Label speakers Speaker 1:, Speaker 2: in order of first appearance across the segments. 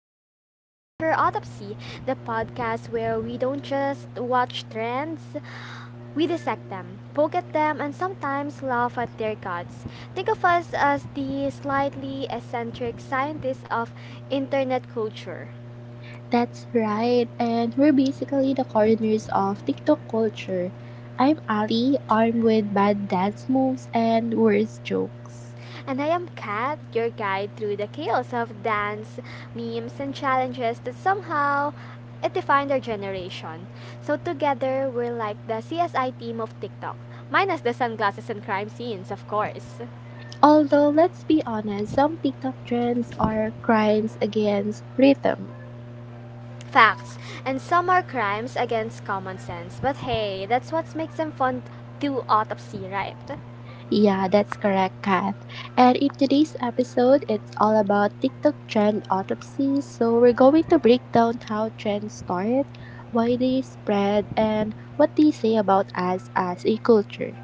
Speaker 1: Welcome to Culture Autopsy, the podcast where we don't just watch trends, we dissect them, poke at them, and sometimes laugh at their guts. Think of us as the slightly eccentric scientists of internet culture.
Speaker 2: That's right, and we're basically the coroners of TikTok culture. I'm Ali, armed with bad dance moves and worse jokes.
Speaker 1: And I am Kat, your guide through the chaos of dance, memes, and challenges that somehow it defined our generation. So together, we're like the CSI team of TikTok, minus the sunglasses and crime scenes, of course.
Speaker 2: Although, let's be honest, some TikTok trends are crimes against rhythm.
Speaker 1: Facts, and some are crimes against common sense, but hey, that's what makes them fun to autopsy, right?
Speaker 2: Yeah, that's correct, Kath. And in today's episode, it's all about TikTok trend autopsies. So, we're going to break down how trends start, why they spread, and what they say about us as a culture.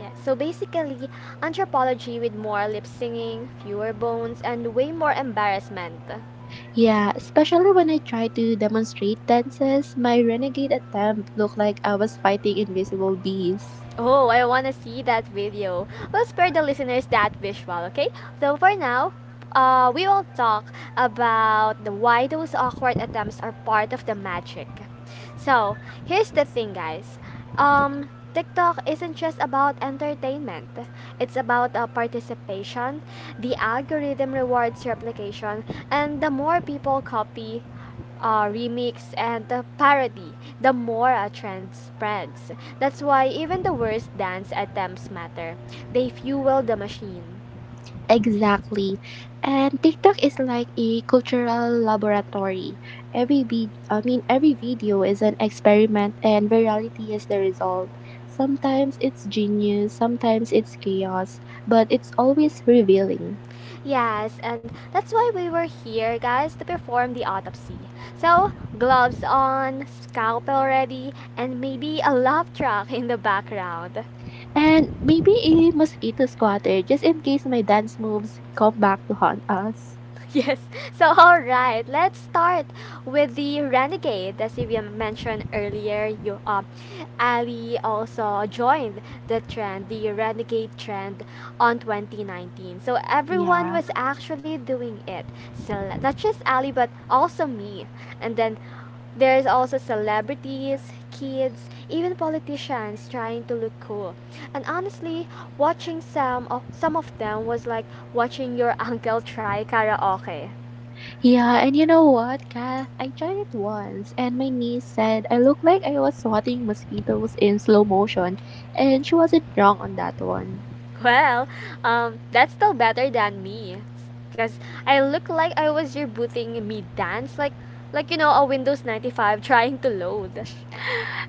Speaker 1: Yeah, so basically, anthropology with more lip singing, fewer bones, and way more embarrassment.
Speaker 2: Yeah, especially when I try to demonstrate dances, my renegade attempt looked like I was fighting invisible bees.
Speaker 1: Oh, I want to see that video. We'll spare the listeners that visual, okay? So for now, we will talk about the why those awkward attempts are part of the magic. So here's the thing, guys. Um, TikTok isn't just about entertainment. It's about participation. The algorithm rewards replication, and the more people copy, remix and parody, the more a trend spreads. That's why even the worst dance attempts matter. They fuel the machine.
Speaker 2: Exactly. And TikTok is like a cultural laboratory. Every video is an experiment and virality is the result. Sometimes it's genius, sometimes it's chaos, but it's always revealing.
Speaker 1: Yes, and that's why we were here, guys, to perform the autopsy. So, gloves on, scalpel ready, and maybe a love track in the background.
Speaker 2: And maybe a mosquito squatter just in case my dance moves come back to haunt us.
Speaker 1: yes. So, all right, let's start with the renegade. As we mentioned earlier, you Ali also joined the trend, the renegade trend, on 2019. So everyone
Speaker 2: Yeah.
Speaker 1: was actually doing it. So not just Ali, but also me. And then there's also celebrities, kids, even politicians trying to look cool. And honestly, watching some of them was like watching your uncle try karaoke.
Speaker 2: Yeah, and you know what, Kath? I tried it once, and my niece said I looked like I was swatting mosquitoes in slow motion, and she wasn't wrong on that one.
Speaker 1: Well, that's still better than me, cause I look like I was rebooting me dance, like you know a Windows 95 trying to load.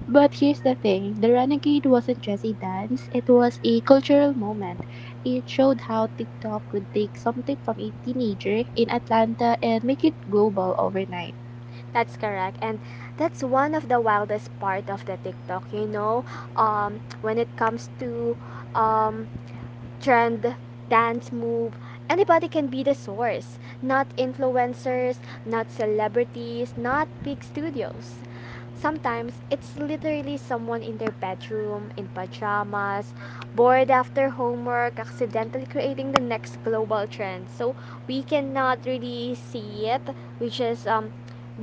Speaker 2: But here's the thing, the Renegade wasn't just a dance, it was a cultural moment. It showed how TikTok could take something from a teenager in Atlanta and make it global overnight.
Speaker 1: That's correct. And that's one of the wildest part of the TikTok, you know, when it comes to um, trend, dance move, anybody can be the source. Not influencers, not celebrities, not big studios. Sometimes it's literally someone in their bedroom, in pajamas, bored after homework, accidentally creating the next global trend. So we cannot really see it. We just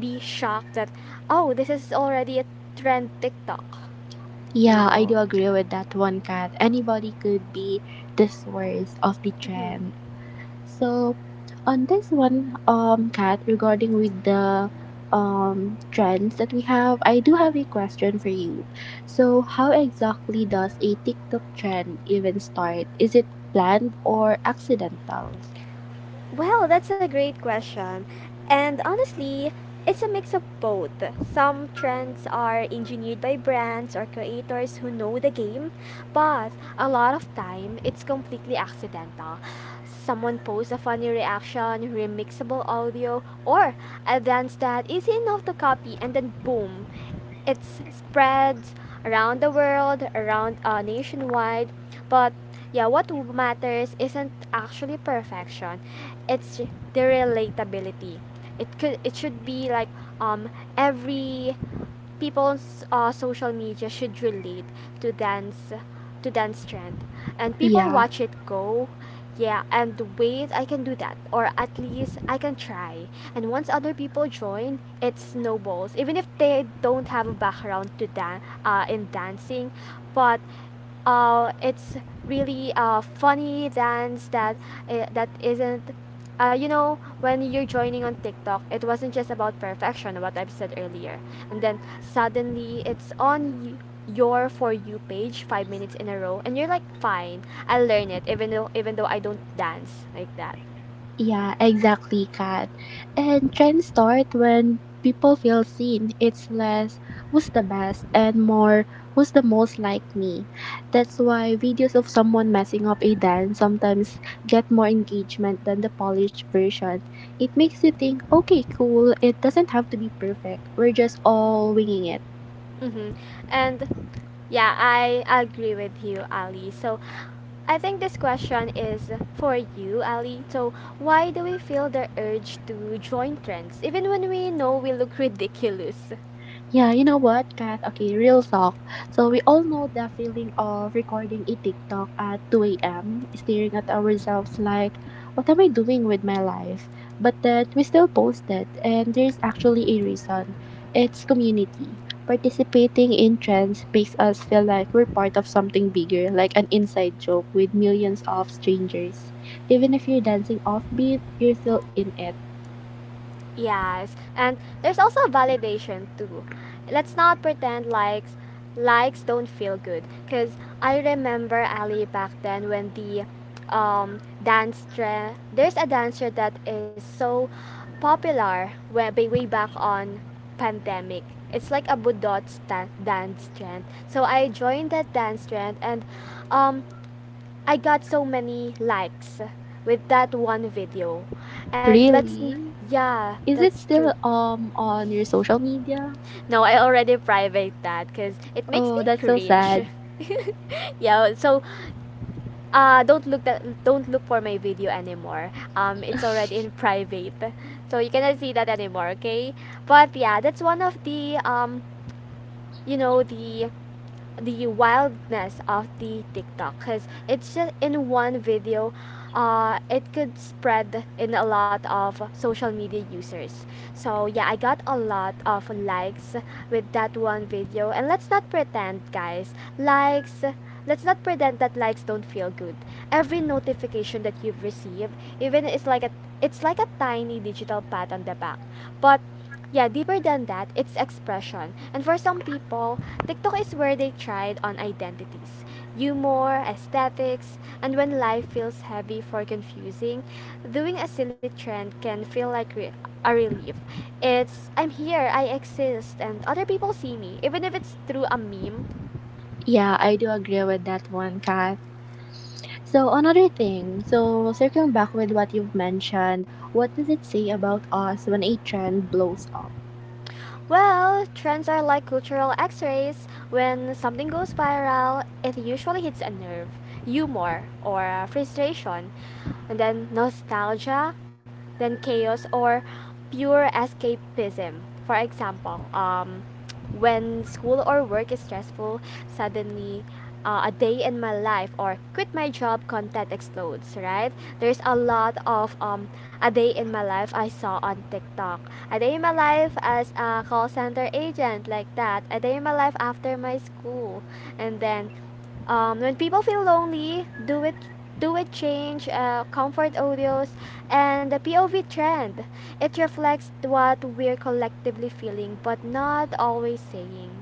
Speaker 1: be shocked that, oh, this is already a trend TikTok, you
Speaker 2: Yeah, I
Speaker 1: know?
Speaker 2: do agree with that one, Kat. Anybody could be the source of the
Speaker 1: Mhm.
Speaker 2: trend. So on this one, Kat, regarding with the trends that we have, I do have a question for you. So how exactly does a TikTok trend even start? Is it planned or accidental?
Speaker 1: Well, that's a great question. And honestly, it's a mix of both. Some trends are engineered by brands or creators who know the game, but a lot of time it's completely accidental. Someone posts a funny reaction, remixable audio, or a dance that is enough to copy, and then boom, it spreads around the world, around nationwide. But yeah, what matters isn't actually perfection. It's the relatability. It could it should be like um every people's social media should relate to dance to dance trend and people
Speaker 2: Yeah,
Speaker 1: watch it go yeah and wait, I can do that, or at least I can try. And once other people join it snowballs, even if they don't have a background to in dancing. But it's really funny dance that that isn't you know, when you're joining on TikTok it wasn't just about perfection, what I've said earlier. And then suddenly it's on your for you page 5 minutes in a row and you're like, fine, I'll learn it, even though I don't dance like that.
Speaker 2: yeah, exactly, Kat. And trends start when people feel seen. It's less who's the best and more who's the most like me. That's why videos of someone messing up a dance sometimes get more engagement than the polished version. It makes you think, okay, cool, it doesn't have to be perfect. We're just all winging it.
Speaker 1: Mm-hmm. And yeah, I agree with you, Ali. So I think this question is for you, Ali. So why do we feel the urge to join trends even when we know we look ridiculous?
Speaker 2: Yeah, you know what, Kat? Okay, real talk. So we all know the feeling of recording a TikTok at 2 a.m., staring at ourselves like, what am I doing with my life? But then we still post it, and there's actually a reason. It's community. Participating in trends makes us feel like we're part of something bigger, like an inside joke with millions of strangers. Even if you're dancing offbeat, you're still in it.
Speaker 1: Yes, and there's also validation too. Let's not pretend likes don't feel good. Cause I remember Ali back then when the dance trend, there's a dancer that is so popular way, way back on pandemic. It's like a budot dance trend. So I joined that dance trend and um I got so many likes with that one video. And let's,
Speaker 2: Really?
Speaker 1: yeah,
Speaker 2: Is it
Speaker 1: that's true.
Speaker 2: still on your social media?
Speaker 1: No, I already private that cuz it makes me
Speaker 2: Oh, that's so
Speaker 1: cringe.
Speaker 2: sad.
Speaker 1: yeah, so uh, don't look for my video anymore. Um, it's already in private. So you cannot see that anymore, okay? But yeah, that's one of the um you know, the wildness of the TikTok, because it's just in one video, it could spread in a lot of social media users. So yeah, I got a lot of likes with that one video, and let's not pretend, guys, likes. Let's not pretend that likes don't feel good. Every notification that you've received, even it's like a tiny digital pat on the back, but yeah, deeper than that, it's expression. And for some people, TikTok is where they tried on identities, humor, aesthetics, and when life feels heavy for confusing, doing a silly trend can feel like a relief. It's I'm here, I exist, and other people see me, even if it's through a meme.
Speaker 2: Yeah, I do agree with that one, Kat. So another thing, so circling back with what you've mentioned, what does it say about us when a trend blows up?
Speaker 1: Well, trends are like cultural x rays. When something goes viral, it usually hits a nerve, humor, or frustration, and then nostalgia, then chaos, or pure escapism. For example, when school or work is stressful, suddenly a day in my life or quit my job content explodes, right? There's a lot of a day in my life I saw on TikTok. A day in my life as a call center agent, like that. A day in my life after my school. And then when people feel lonely, do it change comfort audios and the POV trend. It reflects what we're collectively feeling but not always saying.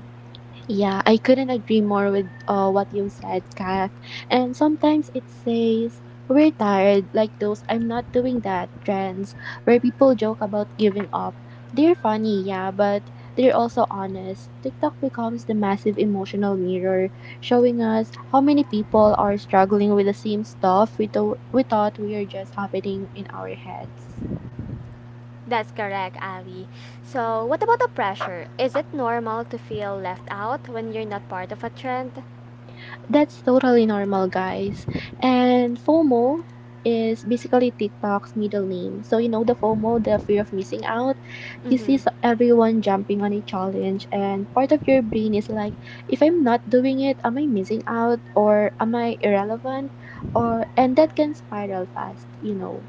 Speaker 2: Yeah, I couldn't agree more with what you said, Kath. And sometimes it says, we're tired, like those I'm not doing that trends, where people joke about giving up. They're funny, yeah, but they're also honest. TikTok becomes the massive emotional mirror, showing us how many people are struggling with the same stuff we thought we were just happening in our heads.
Speaker 1: That's correct, Ali. So, what about the pressure? Is it normal to feel left out when you're not part of a trend?
Speaker 2: That's totally normal, guys. And FOMO is basically TikTok's middle name. So, you know, the FOMO, the fear of missing out. You see
Speaker 1: Mhm.
Speaker 2: s- everyone jumping on a challenge, and part of your brain is like, if I'm not doing it, am I missing out? Or am I irrelevant? Or, and that can spiral fast, you know.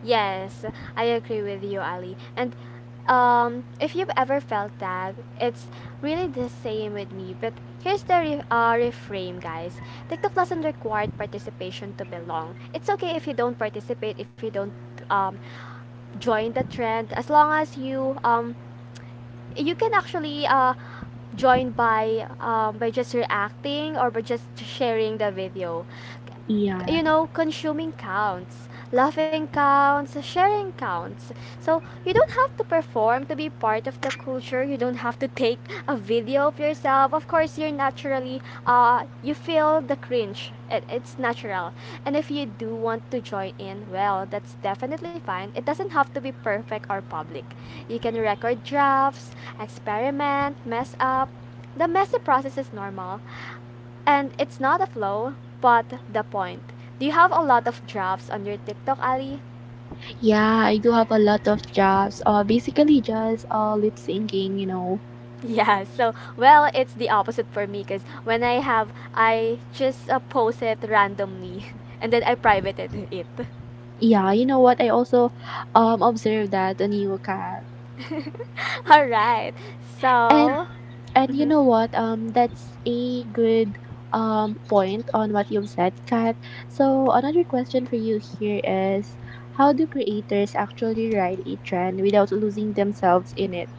Speaker 1: Yes, I agree with you, Ali. And if you've ever felt that, it's really the same with me. But here's the reframe, guys. TikTok doesn't require participation to belong. It's okay if you don't participate, if you don't um, join the trend, as long as you you can actually join by just reacting or by just sharing the video,
Speaker 2: Yeah.
Speaker 1: you know, consuming counts, laughing counts, sharing counts. So you don't have to perform to be part of the culture. You don't have to take a video of yourself. Of course, you're naturally, you feel the cringe. It's natural. And if you do want to join in, well, that's definitely fine. It doesn't have to be perfect or public. You can record drafts, experiment, mess up. The messy process is normal. And it's not a flow, but the point. Do you have a lot of drafts on your TikTok, Ali?
Speaker 2: Yeah, I do have a lot of jobs. Basically just lip syncing, you know.
Speaker 1: Yeah, so well, it's the opposite for me because when I have, I just post it randomly and then I privated it.
Speaker 2: Yeah, you know what? I also observed that on you, Kat.
Speaker 1: All right,
Speaker 2: And
Speaker 1: so.
Speaker 2: and you
Speaker 1: Mhm.
Speaker 2: know what? That's a good point on what you've said, Kat. So another question for you here is, how do creators actually ride a trend without losing themselves in it?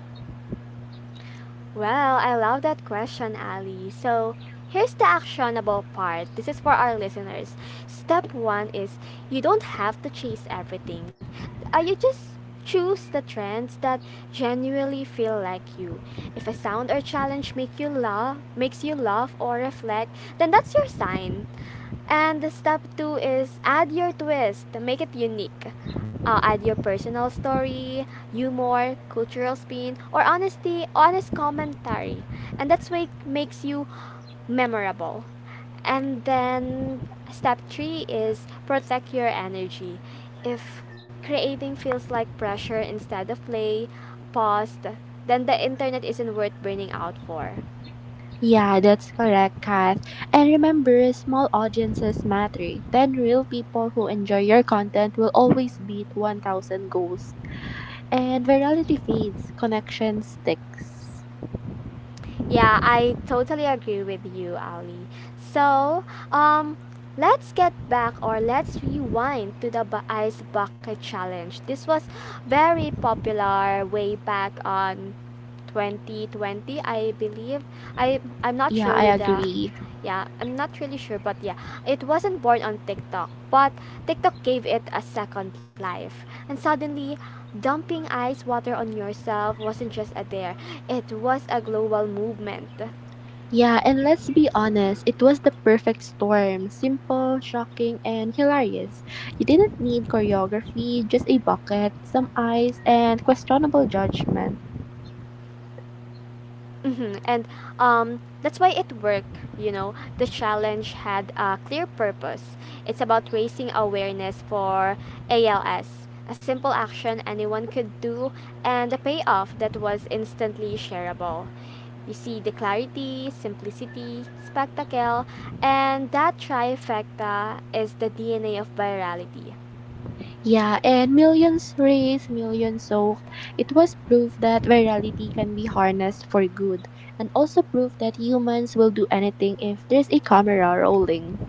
Speaker 1: Well, I love that question, Ali. So, here's the actionable part. This is for our listeners. Step one is, you don't have to chase everything. You just choose the trends that genuinely feel like you. If a sound or challenge make you laugh, makes you laugh or reflect, then that's your sign. And the step two is add your twist to make it unique. Add your personal story, humor, cultural spin, or honest commentary, and that's what makes you memorable. And then step three is protect your energy. If creating feels like pressure instead of play, pause, then the internet isn't worth burning out for.
Speaker 2: Yeah, that's correct, Kath. And remember, small audiences matter. 10 real people who enjoy your content will always beat 1,000 ghosts. And virality fades, connection sticks.
Speaker 1: Yeah, I totally agree with you, Ali. So, um, let's get back or let's rewind to the ice bucket challenge. This was very popular way back on 2020, I believe. I'm not
Speaker 2: Yeah,
Speaker 1: sure
Speaker 2: I
Speaker 1: with the,
Speaker 2: agree.
Speaker 1: yeah, I'm not really sure, but yeah, it wasn't born on TikTok, but TikTok gave it a second life and suddenly dumping ice water on yourself wasn't just a dare, it was a global movement.
Speaker 2: Yeah, and let's be honest, it was the perfect storm. Simple, shocking, and hilarious. You didn't need choreography, just a bucket, some eyes, and questionable judgment.
Speaker 1: Hmm. And that's why it worked, you know. The challenge had a clear purpose. It's about raising awareness for ALS, a simple action anyone could do, and a payoff that was instantly shareable. You see the clarity, simplicity, spectacle, and that trifecta is the DNA of virality.
Speaker 2: Yeah, and millions raised, millions soaked. It was proof that virality can be harnessed for good, and also proof that humans will do anything if there's a camera rolling.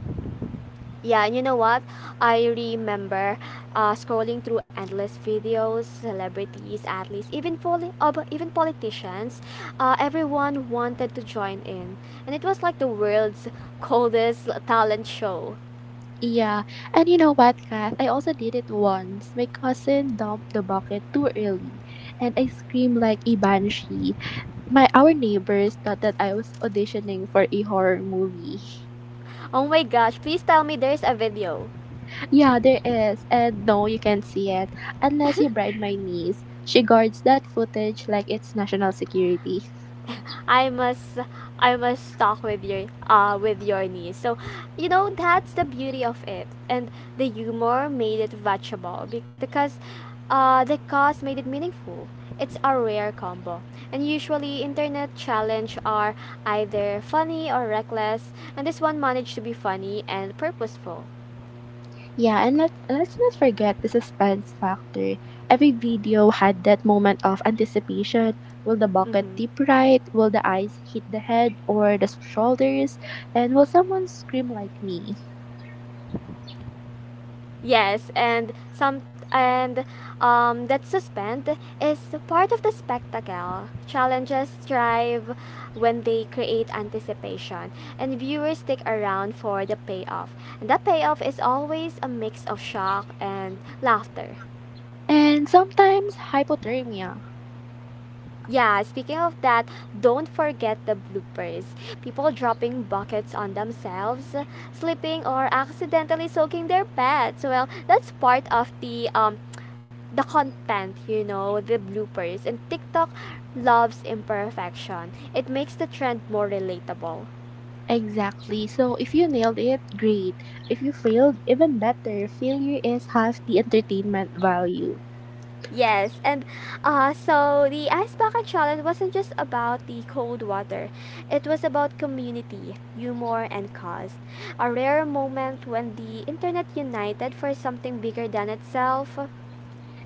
Speaker 1: Yeah, and you know what? I remember scrolling through endless videos, celebrities, athletes, even but even politicians. Everyone wanted to join in, and it was like the world's coldest talent show.
Speaker 2: Yeah. And you know what, Kath? I also did it once. My cousin dumped the bucket too early and I screamed like a banshee. My our neighbors thought that I was auditioning for a horror movie.
Speaker 1: Oh my gosh! Please tell me there's a video.
Speaker 2: Yeah, there is. And no, you can't see it. Unless you bribe my niece. She guards that footage like it's national security.
Speaker 1: I must I must talk with your niece. So, you know, that's the beauty of it. And the humor made it watchable because uh, the cause made it meaningful. It's a rare combo. And usually internet challenge are either funny or reckless, and this one managed to be funny and purposeful.
Speaker 2: Yeah, and let's not forget the suspense factor. Every video had that moment of anticipation. Will the bucket
Speaker 1: Mhm.
Speaker 2: tip right? Will the ice hit the head or the shoulders? And will someone scream like me?
Speaker 1: Yes, and some and that suspense is part of the spectacle. Challenges thrive when they create anticipation, and viewers stick around for the payoff. And that payoff is always a mix of shock and laughter.
Speaker 2: And sometimes hypothermia.
Speaker 1: Yeah, speaking of that, don't forget the bloopers. People dropping buckets on themselves, slipping or accidentally soaking their pets. Well, that's part of the content, the bloopers. And TikTok loves imperfection. It makes the trend more relatable.
Speaker 2: Exactly. So if you nailed it, great. If you failed, even better. Failure is half the entertainment value.
Speaker 1: Yes, and so the ice bucket challenge wasn't just about the cold water. It was about community, humor, and cause. A rare moment when the internet united for something bigger than itself.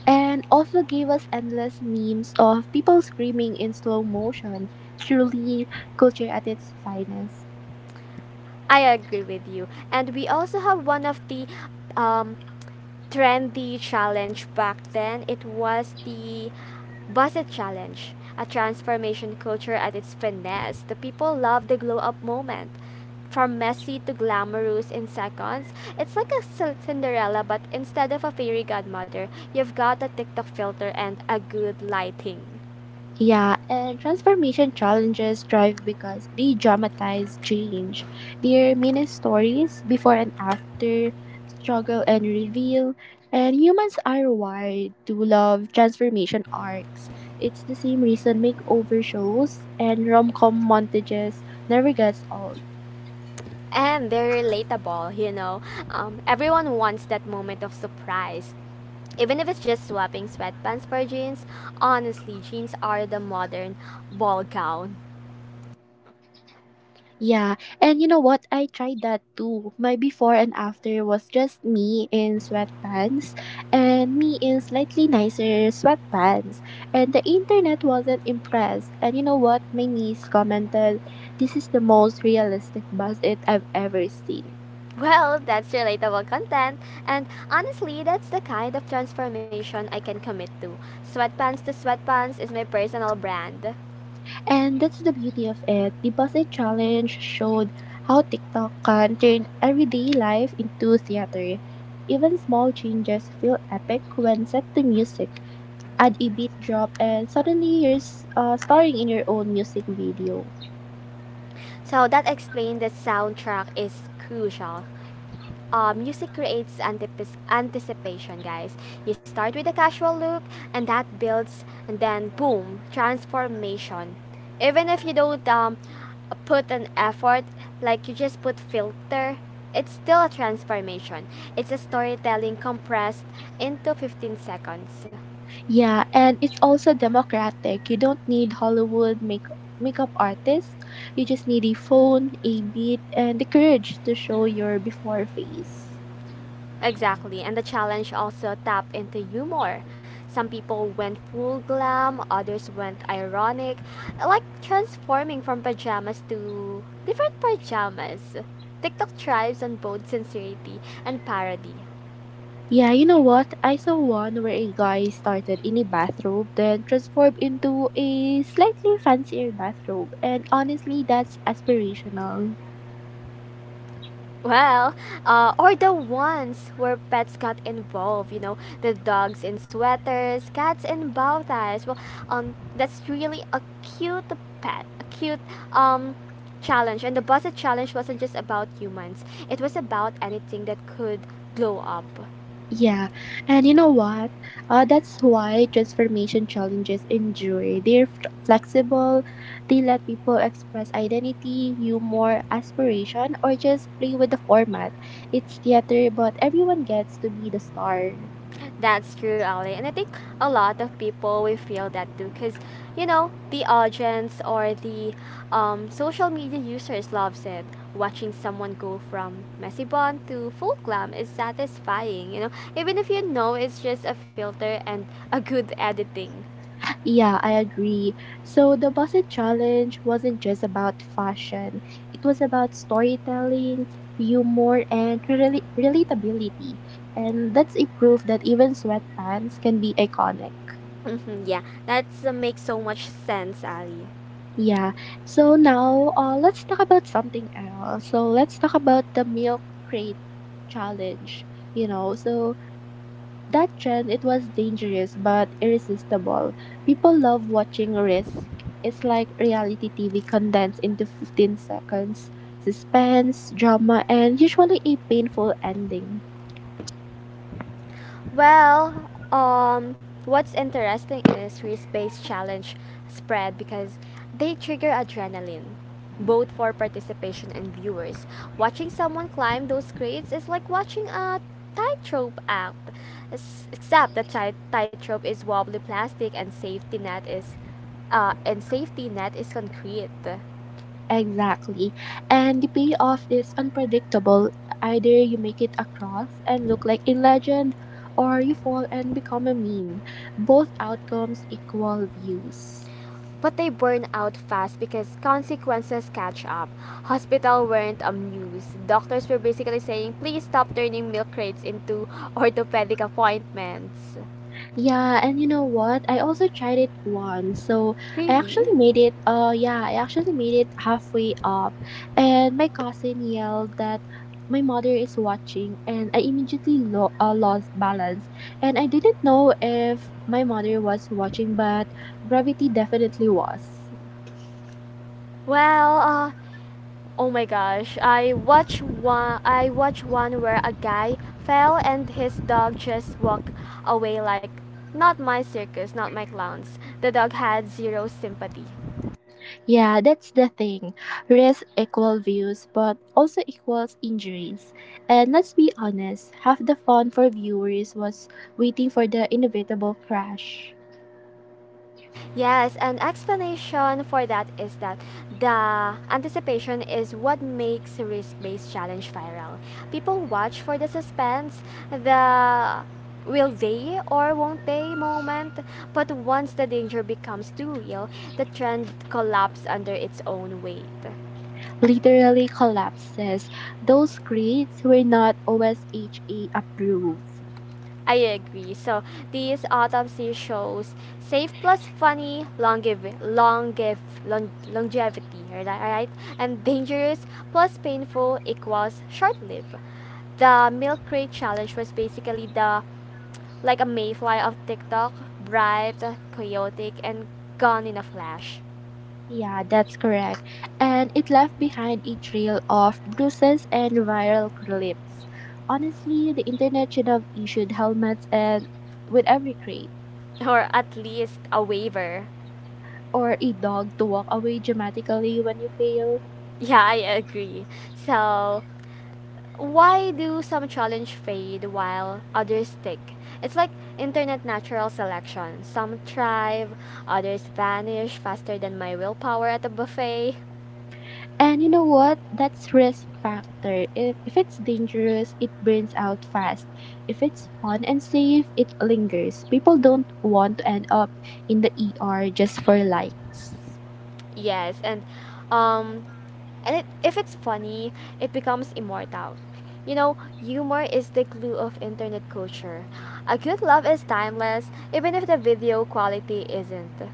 Speaker 2: And also gave us endless memes of people screaming in slow motion. Truly, culture at its finest.
Speaker 1: I agree with you. And we also have one of the um, trendy challenge back then. It was the Busset Challenge, a transformation culture at its finesse. The people love the glow up moment. From messy to glamorous in seconds, it's like a Cinderella, but instead of a fairy godmother, you've got a TikTok filter and a good lighting.
Speaker 2: Yeah, and transformation challenges thrive because they dramatize change. Their mini stories, before and after, struggle and reveal, and humans are wired to love transformation arcs. It's the same reason makeover shows and rom com montages never gets old.
Speaker 1: And they're relatable, you know. Everyone wants that moment of surprise. Even if it's just swapping sweatpants for jeans, honestly, jeans are the modern ball gown.
Speaker 2: Yeah, and you know what? I tried that too. My before and after was just me in sweatpants and me in slightly nicer sweatpants. And the internet wasn't impressed. And you know what? My niece commented, this is the most realistic buzz it I've ever seen.
Speaker 1: Well, that's relatable content, and honestly, that's the kind of transformation I can commit to. Sweatpants to Sweatpants is my personal brand.
Speaker 2: And that's the beauty of it. The buzz challenge showed how TikTok can turn everyday life into theater. Even small changes feel epic when set to music. Add a beat drop and suddenly you're starring in your own music video.
Speaker 1: So that explained that soundtrack is crucial. Music creates anticipation, guys. You start with a casual look, and that builds, and then boom, transformation. Even if you don't put an effort, like you just put filter, it's still a transformation. It's a storytelling compressed into 15 seconds.
Speaker 2: Yeah, and it's also democratic. You don't need Hollywood makeup artists. You just need a phone, a beat, and the courage to show your before face.
Speaker 1: Exactly, and the challenge also tap into humor. Some people went full glam, others went ironic, like transforming from pajamas to different pajamas. TikTok thrives on both sincerity and parody.
Speaker 2: Yeah, you know what? I saw one where a guy started in a bathrobe, then transformed into a slightly fancier bathrobe, and honestly, that's aspirational.
Speaker 1: Well, or the ones where pets got involved, you know, the dogs in sweaters, cats in bow ties. Well, that's really a cute pet, a cute um, challenge. And the Busted Challenge wasn't just about humans, it was about anything that could glow up.
Speaker 2: Yeah, and you know what? That's why transformation challenges endure. They're flexible, they let people express identity, humor, aspiration, or just play with the format. It's theater, but everyone gets to be the star.
Speaker 1: That's true, Ali. And I think a lot of people will feel that too because, you know, the audience or the social media users loves it. Watching someone go from messy bond to full glam is satisfying, you know, even if you know it's just a filter and a good editing.
Speaker 2: Yeah, I agree. So the Boston Challenge wasn't just about fashion, it was about storytelling, humor, and relatability. And that's a proof that even sweatpants can be iconic.
Speaker 1: Hmm, yeah, that's makes so much sense, Ali.
Speaker 2: Yeah. So now let's talk about something else. So let's talk about the milk crate challenge. You know, so that trend, it was dangerous but irresistible. People love watching risk. It's like reality TV condensed into 15 seconds. Suspense, drama, and usually a painful ending.
Speaker 1: Well, what's interesting is risk-based challenge spread because they trigger adrenaline, both for participation and viewers. Watching someone climb those crates is like watching a tightrope act, except the tightrope is wobbly plastic and safety net is concrete.
Speaker 2: Exactly. And the payoff is unpredictable. Either you make it across and look like a legend, or you fall and become a meme. Both outcomes equal views.
Speaker 1: But they burn out fast because consequences catch up. Hospital weren't amused. Doctors were basically saying, please stop turning milk crates into orthopedic appointments.
Speaker 2: Yeah, and you know what? I also tried it once. So I
Speaker 1: Really?
Speaker 2: actually made it uh, yeah, I actually made it halfway up and my cousin yelled that my mother is watching and I immediately lost balance, and I didn't know if my mother was watching, but gravity definitely was.
Speaker 1: Well, oh my gosh, I watched one where a guy fell and his dog just walked away like, not my circus, not my clowns. The dog had zero sympathy.
Speaker 2: Yeah, that's the thing. Risk equal views, but also equals injuries. And let's be honest, half the fun for viewers was waiting for the inevitable crash.
Speaker 1: Yes, an explanation for that is that the anticipation is what makes risk-based challenge viral. People watch for the suspense, the will they or won't they moment, but once the danger becomes too real, the trend collapses under its own weight.
Speaker 2: Literally collapses. Those grades were not OSHA approved.
Speaker 1: I agree. So these autopsy shows safe plus funny longevity, right? Right? And dangerous plus painful equals short-lived. The milk crate challenge was basically the like a mayfly of TikTok, bright, chaotic, and gone in a flash,
Speaker 2: Yeah, that's correct. And it left behind a trail of bruises and viral clips. Honestly, the internet should have issued helmets and with every grade
Speaker 1: or at least a waiver.
Speaker 2: or a dog to walk away dramatically when you fail.
Speaker 1: Yeah, I agree. So why do some challenge fade while others stick? It's like internet natural selection. Some thrive, others vanish faster than my willpower at a buffet.
Speaker 2: And you know what? That's risk factor. If it's dangerous, it burns out fast. If it's fun and safe, it lingers. People don't want to end up in the ER just for likes.
Speaker 1: Yes, um and if it's funny, it becomes immortal. You know, humor is the glue of internet culture. A good laugh is timeless even if the video quality isn't.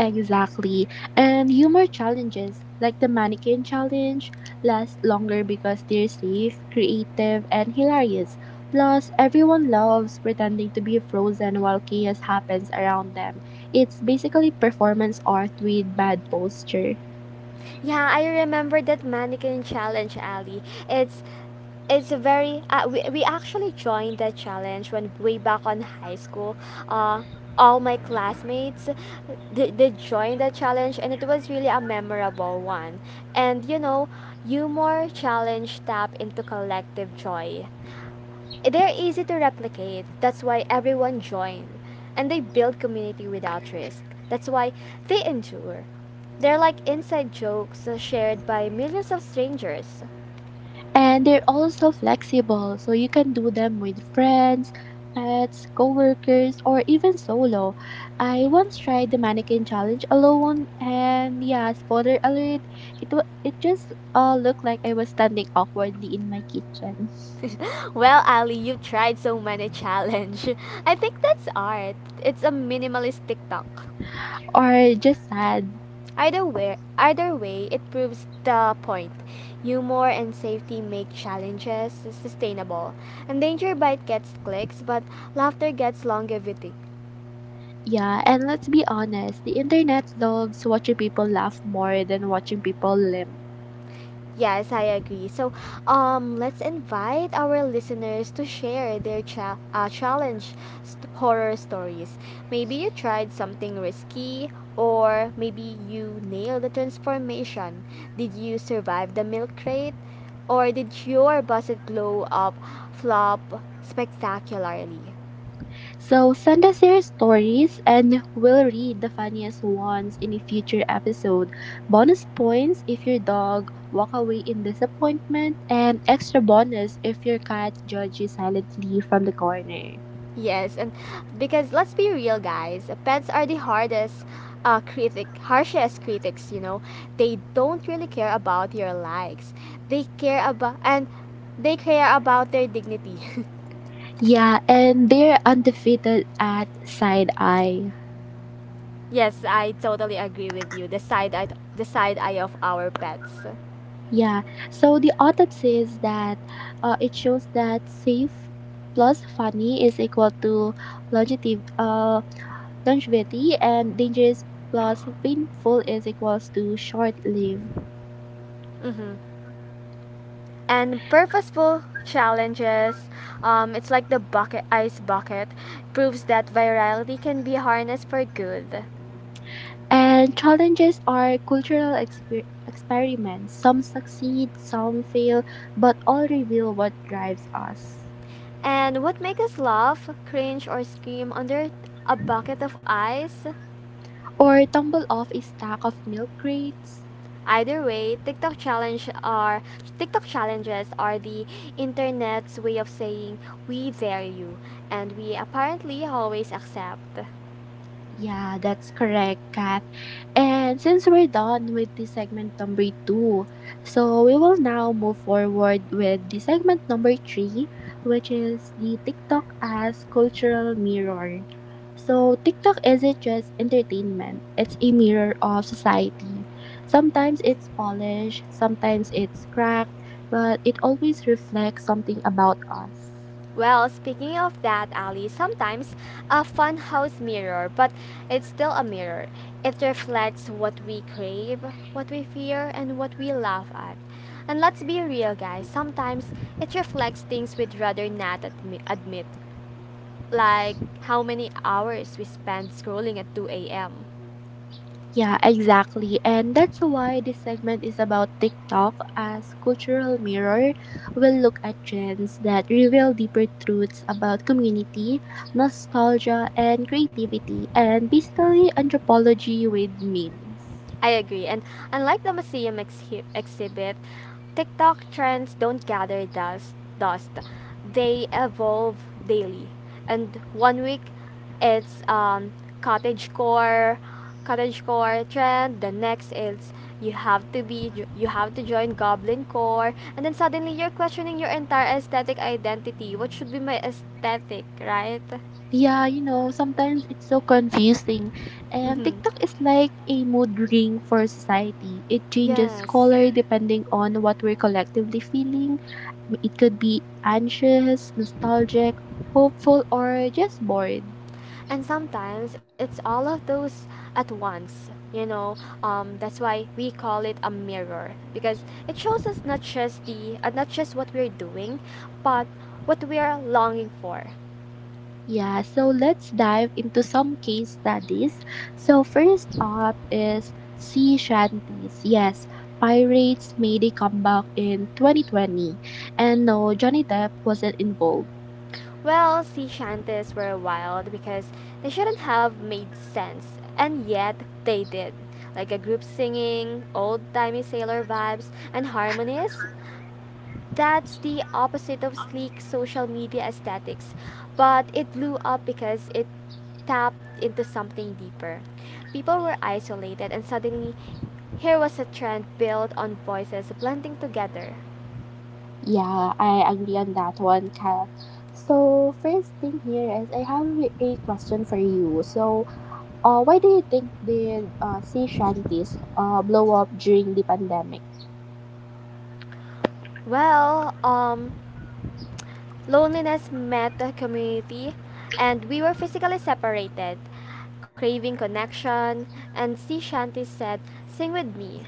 Speaker 2: Exactly. And humor challenges, like the mannequin challenge, last longer because they're safe, creative, and hilarious. Plus, everyone loves pretending to be frozen while chaos happens around them. It's basically performance art with bad posture.
Speaker 1: Yeah, I remember that mannequin challenge, Ali. It's it's a very we actually joined that challenge when way back on high school. Uh all my classmates they joined that challenge and it was really a memorable one. And you know, humor challenge tap into collective joy. They're easy to replicate. That's why everyone joined. And they build community without risk. That's why they endure. They're like inside jokes shared by millions of strangers.
Speaker 2: And they're also flexible, so you can do them with friends, pets, coworkers, or even solo. I once tried the mannequin challenge alone, and yeah, spoiler alert, it just looked like I was standing awkwardly in my kitchen,
Speaker 1: Well, Ali, you've tried so many challenge. I think that's art. It's a minimalist TikTok.
Speaker 2: or just sad.
Speaker 1: Either way, it proves the point. Humor and safety make challenges sustainable. And danger bite gets clicks, but laughter gets longevity.
Speaker 2: Yeah, and let's be honest, the internet loves watching people laugh more than watching people limp.
Speaker 1: Yes, I agree. So, let's invite our listeners to share their challenge horror stories. Maybe you tried something risky, or maybe you nailed the transformation. Did you survive the milk crate, or did your budget blow up, flop spectacularly?
Speaker 2: So send us your stories and we'll read the funniest ones in a future episode. Bonus points if your dog walk away in disappointment and extra bonus if your cat judges you silently from the corner.
Speaker 1: Yes, and because let's be real, guys, pets are the hardest critic, harshest critics. You know, they don't really care about your likes. They care about and they care about their dignity.
Speaker 2: Yeah, and they're undefeated at side eye.
Speaker 1: Yes, I totally agree with you. The side eye of our pets.
Speaker 2: Yeah, so the autopsy is that it shows that safe plus funny is equal to longevity, and dangers plus painful is equals to short-lived.
Speaker 1: Mm-hmm. And purposeful challenges, it's like the bucket ice bucket, proves that virality can be harnessed for good.
Speaker 2: And challenges are cultural experiments. Some succeed, some fail, but all reveal what drives us.
Speaker 1: And what makes us laugh, cringe, or scream under a bucket of ice?
Speaker 2: Or tumble off a stack of milk crates.
Speaker 1: Either way, TikTok challenges are the internet's way of saying we dare you, and we apparently always accept.
Speaker 2: Yeah, that's correct, Kath. And since we're done with the segment number two, we will now move forward with the segment number three, which is the TikTok as cultural mirror. So, TikTok isn't just entertainment, it's a mirror of society. Sometimes it's polished, sometimes it's cracked, but it always reflects something about us.
Speaker 1: Well, speaking of that, Ali, sometimes a funhouse mirror, but it's still a mirror. It reflects what we crave, what we fear, and what we laugh at. And let's be real, guys, sometimes it reflects things we'd rather not admit, like how many hours we spend scrolling at 2 a.m.
Speaker 2: Yeah, exactly. And that's why this segment is about TikTok as cultural mirror. We'll look at trends that reveal deeper truths about community, nostalgia, and creativity, and basically anthropology with memes.
Speaker 1: I agree. And unlike the museum exhibit, TikTok trends don't gather dust. Dust. They evolve daily. And one week, it's cottage core, cottage core trend. The next is you have to join goblin core. And then suddenly you're questioning your entire aesthetic identity. What should be my aesthetic, right?
Speaker 2: Yeah, sometimes it's so confusing. And
Speaker 1: Mm-hmm.
Speaker 2: TikTok is like a mood ring for society. It changes
Speaker 1: Yes.
Speaker 2: color depending on what we're collectively feeling. It could be anxious, nostalgic, hopeful, or just bored.
Speaker 1: And sometimes it's all of those at once, you know. That's why we call it a mirror because it shows us not just the not just what we're doing, but what we are longing for.
Speaker 2: Yeah, so let's dive into some case studies. So, first up is sea shanties. Yes, pirates made a comeback in 2020, and no, Johnny Depp wasn't involved.
Speaker 1: Well, sea shanties were wild because they shouldn't have made sense, and yet they did. Like a group singing, old timey sailor vibes, and harmonies. That's the opposite of sleek social media aesthetics, but it blew up because it tapped into something deeper. People were isolated, and suddenly, here was a trend built on voices blending together.
Speaker 2: Yeah, I agree on that one, Kyle. So, first thing here is I have a question for you. So, why do you think did sea shanties blow up during the pandemic?
Speaker 1: Well, loneliness met the community, and we were physically separated, craving connection, and sea shanties said, sing with me.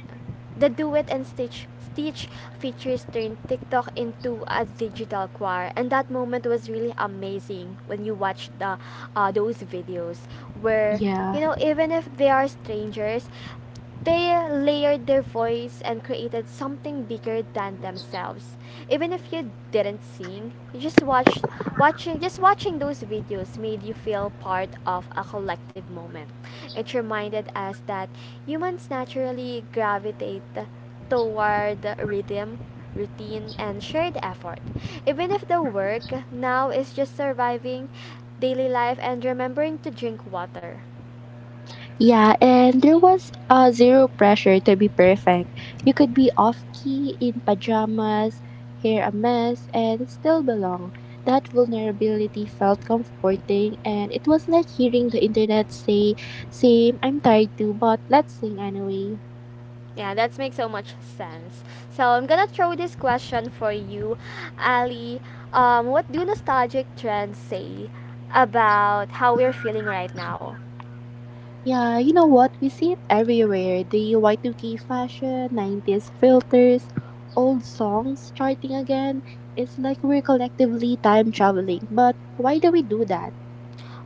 Speaker 1: The Do It and Stitch features turned TikTok into a digital choir, and that moment was really amazing when you watch the those videos where you
Speaker 2: Yeah.
Speaker 1: know even if they are strangers, they layered their voice and created something bigger than themselves. Even if you didn't sing, you just watched watching just watching those videos made you feel part of a collective moment. It reminded us that humans naturally gravitate toward rhythm, routine, and shared effort. Even if the work now is just surviving daily life and remembering to drink water.
Speaker 2: Yeah, and there was zero pressure to be perfect. You could be off key in pajamas, hair a mess, and still belong. That vulnerability felt comforting, and it was like hearing the internet say, same, I'm tired too, but let's sing anyway.
Speaker 1: Yeah, that makes so much sense. So I'm gonna throw this question for you, Ali. What do nostalgic trends say about how we're feeling right now?
Speaker 2: Yeah, you know what? We see it everywhere. The Y2K fashion, 90s filters, old songs charting again. It's like we're collectively time traveling. But why do we do that?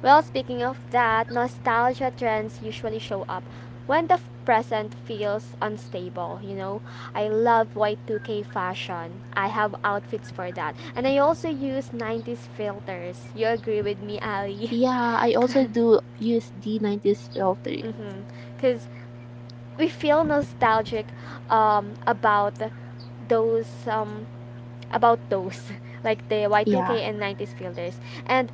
Speaker 1: Well, speaking of that, nostalgia trends usually show up when the present feels unstable, you know. I love Y2K fashion. I have outfits for that. And I also use 90s filters. You agree with me, Ali?
Speaker 2: Yeah, I also do use the 90s filters.
Speaker 1: Mm-hmm. Cuz we feel nostalgic um, about those um, about those, like the
Speaker 2: Yeah.
Speaker 1: Y2K and 90s filters. And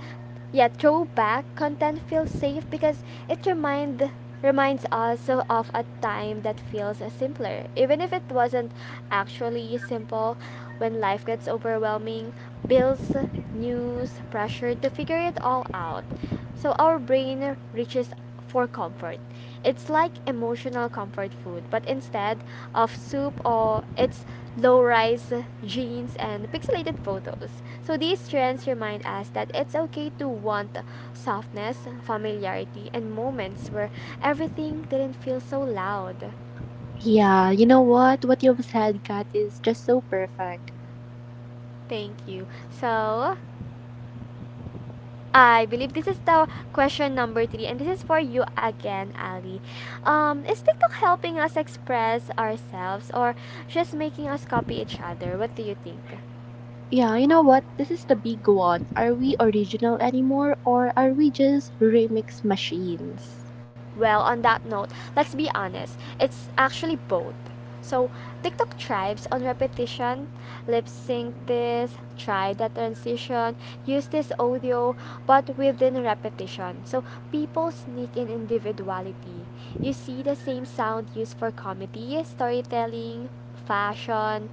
Speaker 1: yeah, throwback content feels safe because it reminds us of a time that feels simpler. Even if it wasn't actually simple, when life gets overwhelming, bills, news, pressure to figure it all out. So our brain reaches for comfort. It's like emotional comfort food, but instead of soup or it's low rise jeans, and pixelated photos. So these trends remind us that it's okay to want softness, familiarity, and moments where everything didn't feel so loud.
Speaker 2: Yeah, What you've said, Kat, is just so perfect.
Speaker 1: Thank you. So I believe this is the question number three, and this is for you again, Ali. Is TikTok helping us express ourselves or just making us copy each other? What do you think?
Speaker 2: Yeah, you know what? This is the big one. Are we original anymore or are we just remix machines?
Speaker 1: Well, on that note, let's be honest. It's actually both. So, TikTok thrives on repetition, lip sync this, try that transition, use this audio, but within repetition. So, people sneak in individuality. You see the same sound used for comedy, storytelling, fashion,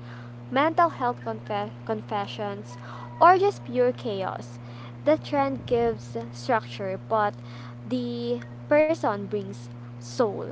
Speaker 1: mental health confessions, or just pure chaos. The trend gives structure, but the person brings soul.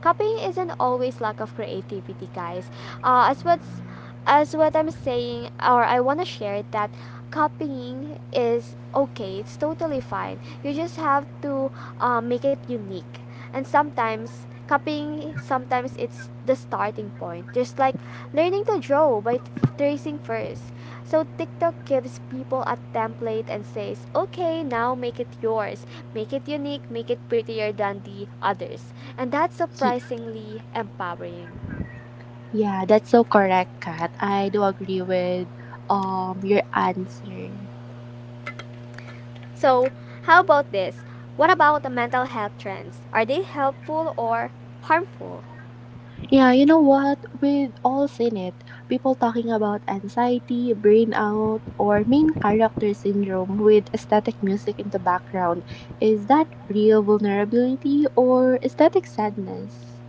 Speaker 1: Copying isn't always lack of creativity, guys. As what's as what I'm saying, or I want to share that copying is okay. It's totally fine. You just have to make it unique. And sometimes copying sometimes it's the starting point. Just like learning to draw by tracing first. So TikTok gives people a template and says, okay, now make it yours. Make it unique, make it prettier than the others. And that's
Speaker 2: Y-
Speaker 1: surprisingly empowering.
Speaker 2: Yeah, that's so correct, Kat. I do agree with your answer.
Speaker 1: So, how about this? What about the mental health trends? Are they helpful or harmful?
Speaker 2: Yeah, you know what? With all in it, people talking about anxiety, burnout, or main character syndrome with aesthetic music in the background. Is that real vulnerability or aesthetic sadness?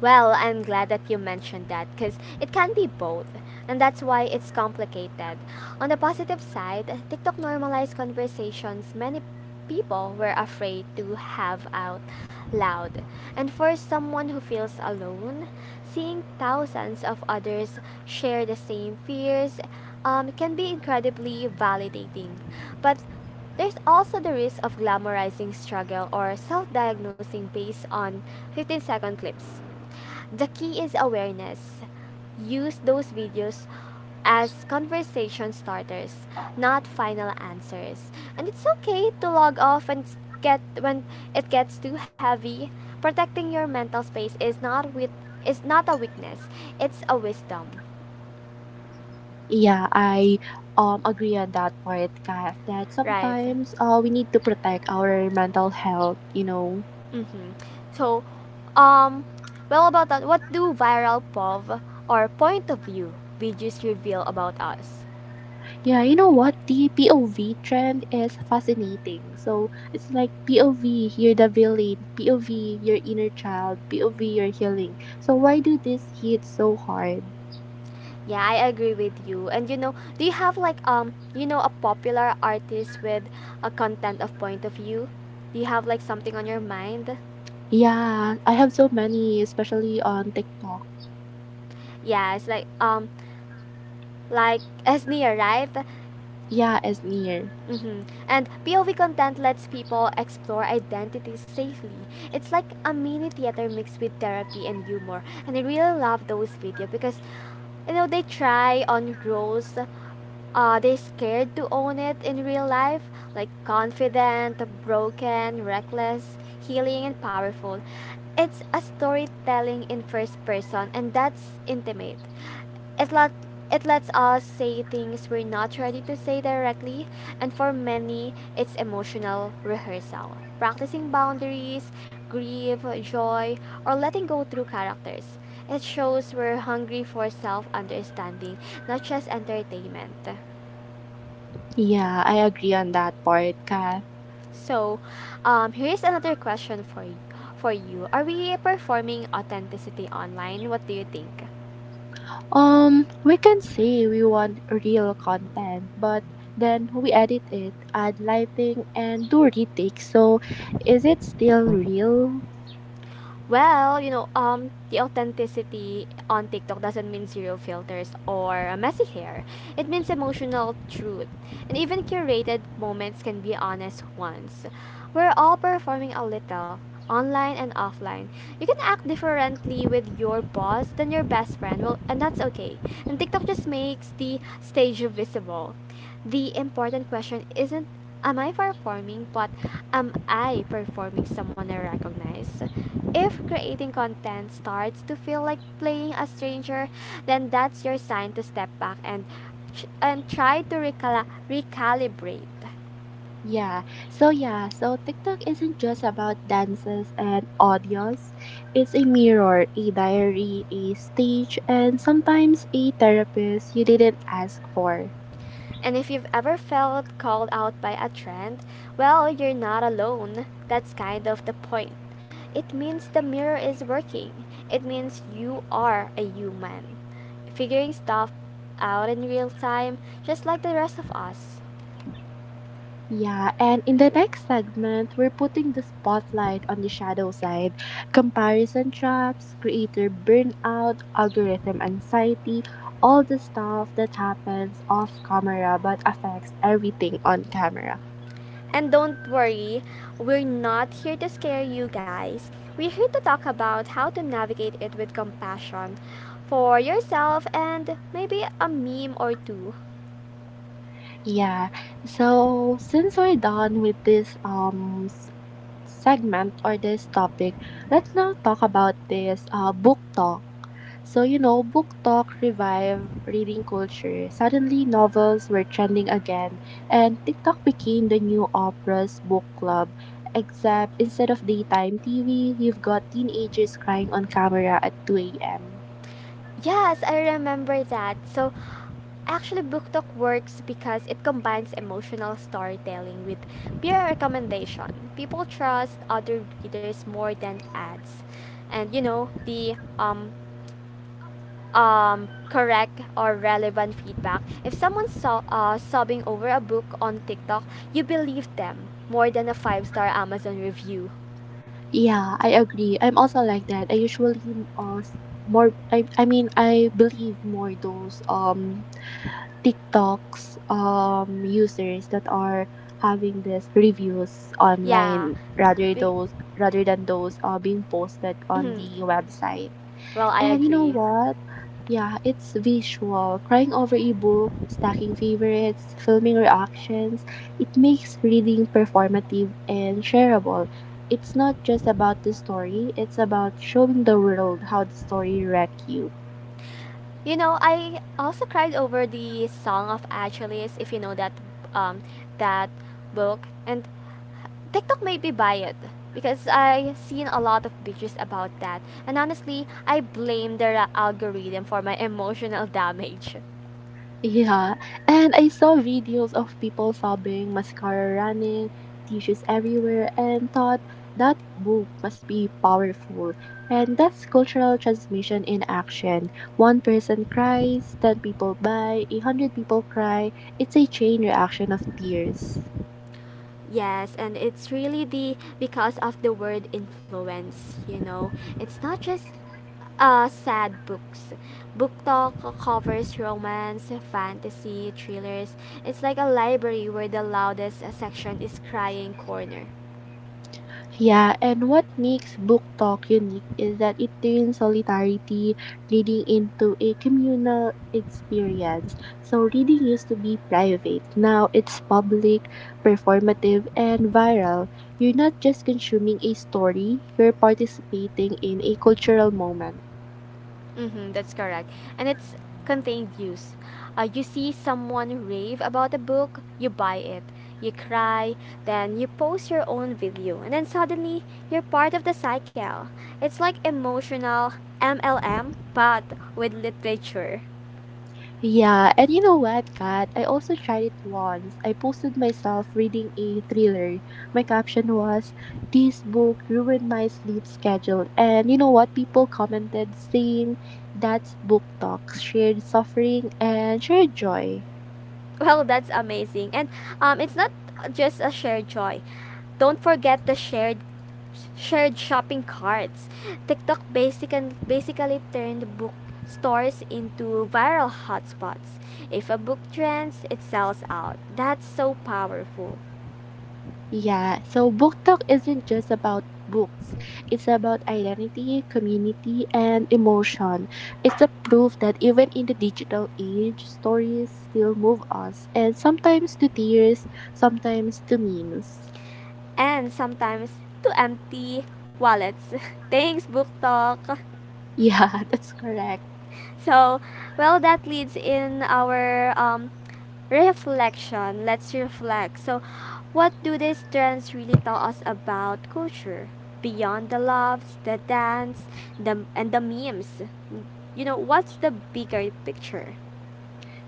Speaker 1: Well, I'm glad that you mentioned that because it can be both, and that's why it's complicated. On the positive side, TikTok normalized conversations many people were afraid to have out loud. And for someone who feels alone, seeing thousands of others share the same fears can be incredibly validating. But there's also the risk of glamorizing struggle or self diagnosing based on 15-second clips. The key is awareness. Use those videos as conversation starters, not final answers. And it's okay to log off and get when it gets too heavy. Protecting your mental space is not with is not a weakness. It's a wisdom,
Speaker 2: Yeah, I agree on that part, Kat, that
Speaker 1: right?
Speaker 2: sometimes we need to protect our mental health, you know.
Speaker 1: Mm-hmm. So, um, well about that, what do viral POV or point of view videos reveal about us?
Speaker 2: Yeah, you know what? The POV trend is fascinating. So it's like POV, you're the villain, POV, your inner child, POV, your healing. So why do this hit so hard?
Speaker 1: Yeah, I agree with you. And you know, do you have like a popular artist with a content of point of view? Do you have like something on your mind?
Speaker 2: Yeah, I have so many, especially on TikTok.
Speaker 1: Yeah, it's like Esnia, right?
Speaker 2: Yeah, as near.
Speaker 1: Mm-hmm. And POV content lets people explore identities safely. It's like a mini theater mixed with therapy and humor. And I really love those videos because, you know, they try on roles they scared to own it in real life, like confident, broken, reckless, healing, and powerful. It's a storytelling in first person, and that's intimate. It let it lets us say things we're not ready to say directly, and for many, it's emotional rehearsal. Practicing boundaries, grief, joy, or letting go through characters. It shows we're hungry for self understanding, not just entertainment.
Speaker 2: Yeah, I agree on that part, Kat.
Speaker 1: So, here's another question for you. For you, are we performing authenticity online? What do you think?
Speaker 2: We can say we want real content, but then we edit it, add lighting, and do retakes. So is it still real?
Speaker 1: Well, you know, the authenticity on TikTok doesn't mean zero filters or messy hair. It means emotional truth. And even curated moments can be honest ones. We're all performing a little, online and offline. You can act differently with your boss than your best friend, well, and that's okay. And TikTok just makes the stage visible the important question isn't am I performing, but am I performing someone I recognize? If creating content starts to feel like playing a stranger, then that's your sign to step back and try to recalibrate.
Speaker 2: Yeah, so TikTok isn't just about dances and audios. It's a mirror, a diary, a stage, and sometimes a therapist you didn't ask for.
Speaker 1: And if you've ever felt called out by a trend, well, you're not alone. That's kind of the point. It means the mirror is working. It means you are a human, figuring stuff out in real time, just like the rest of us.
Speaker 2: Yeah, and in the next segment, we're putting the spotlight on the shadow side: comparison traps, creator burnout, algorithm anxiety, all the stuff that happens off camera but affects everything on camera.
Speaker 1: And don't worry, we're not here to scare you guys. We're here to talk about how to navigate it with compassion for yourself and maybe a meme or two.
Speaker 2: Yeah. So since we're done with this segment or this topic, let's now talk about this book talk. So you know, book talk revived reading culture. Suddenly novels were trending again and TikTok became the new Oprah's book club. Except instead of daytime TV, you've got teenagers crying on camera at 2 a.m.
Speaker 1: Yes, I remember that. So, actually, Book Talk works because it combines emotional storytelling with peer recommendation. People trust other readers more than ads, and you know the correct or relevant feedback. If sobbing over a book on TikTok, you believe them more than a five-star Amazon review.
Speaker 2: Yeah, I agree. I'm also like that. I usually s- more I mean I believe more those TikToks users that are having these reviews
Speaker 1: Yeah.
Speaker 2: online
Speaker 1: Be-
Speaker 2: rather than those being posted on the website.
Speaker 1: well, I
Speaker 2: And you know
Speaker 1: agree.
Speaker 2: what? Yeah, it's visual. Crying over a book, stacking favorites, filming reactions, it makes reading performative and shareable. It's not just about the story, it's about showing the world how the story wrecked you.
Speaker 1: You know, I also cried over the Song of Achilles, if you know that um that book. And TikTok made me buy it because I seen a lot of pictures about that. And honestly, I blame their algorithm for my emotional damage.
Speaker 2: Yeah, and I saw videos of people sobbing, mascara running, tissues everywhere, and thought that book must be powerful. And that's cultural transmission in action. One person cries, 10 people buy, a 100 people cry. It's a chain reaction of tears.
Speaker 1: Yes, and it's really the because of the word influence, you know. It's not just sad books. Book Talk covers romance, fantasy, thrillers. It's like a library where the loudest section is crying corner.
Speaker 2: Yeah, and what makes book talk unique is that it turns solidarity reading into a communal experience. So reading used to be private. Now it's public, performative, and viral. You're not just consuming a story, you're participating in a cultural moment.
Speaker 1: Mm-hmm, that's correct. And it's contained use. You see someone rave about a book, you buy it, you cry, then you post your own video, and then suddenly you're part of the cycle. It's like emotional MLM, but with literature.
Speaker 2: Yeah, and you know what, Kat? I also tried it once. I posted myself reading a thriller. My caption was, "This book ruined my sleep schedule." And you know what? People commented saying that's book talk, shared suffering, and shared joy.
Speaker 1: Well, that's amazing. And it's not just a shared joy. Don't forget the shared shopping carts. TikTok basically turned book stores into viral hotspots. If a book trends, it sells out. That's so powerful.
Speaker 2: Yeah, so book talk isn't just about books. It's about identity, community, and emotion. It's the proof that even in the digital age, stories still move us, and sometimes to tears, sometimes to memes.
Speaker 1: And sometimes to empty wallets. Thanks, Book Talk.
Speaker 2: Yeah, that's correct.
Speaker 1: So, well, that leads in our reflection. Let's reflect. So, what do these trends really tell us about culture beyond the loves, the dance, the and the memes? You know, what's the bigger picture?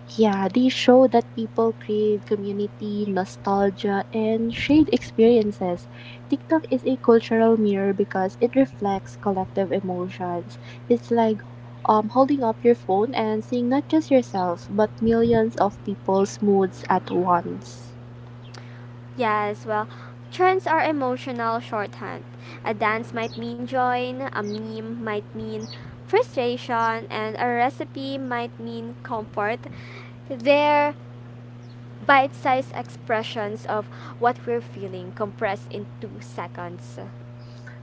Speaker 2: Yeah, these show that people crave community, nostalgia, and shared experiences. TikTok is a cultural mirror because it reflects collective emotions. It's like holding up your phone and seeing not just yourself, but millions of people's moods at once.
Speaker 1: Yes, well, trends are emotional shorthand. A dance might mean joy, a meme might mean frustration, and a recipe might mean comfort. They bite sized expressions of what we're feeling compressed in two seconds.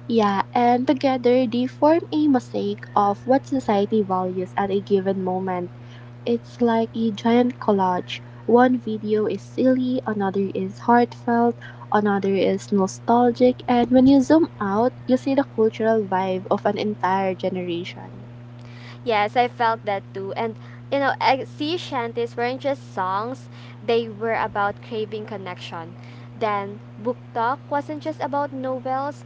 Speaker 2: Yeah, and together they form a mosaic of what society values at a given moment. It's like a giant collage. One video is silly, another is heartfelt, another is nostalgic, and when you zoom out, you see the cultural vibe of an entire generation.
Speaker 1: Yes, I felt that too. And, you know, sea shanties weren't just songs, they were about craving connection. Then, book talk wasn't just about novels,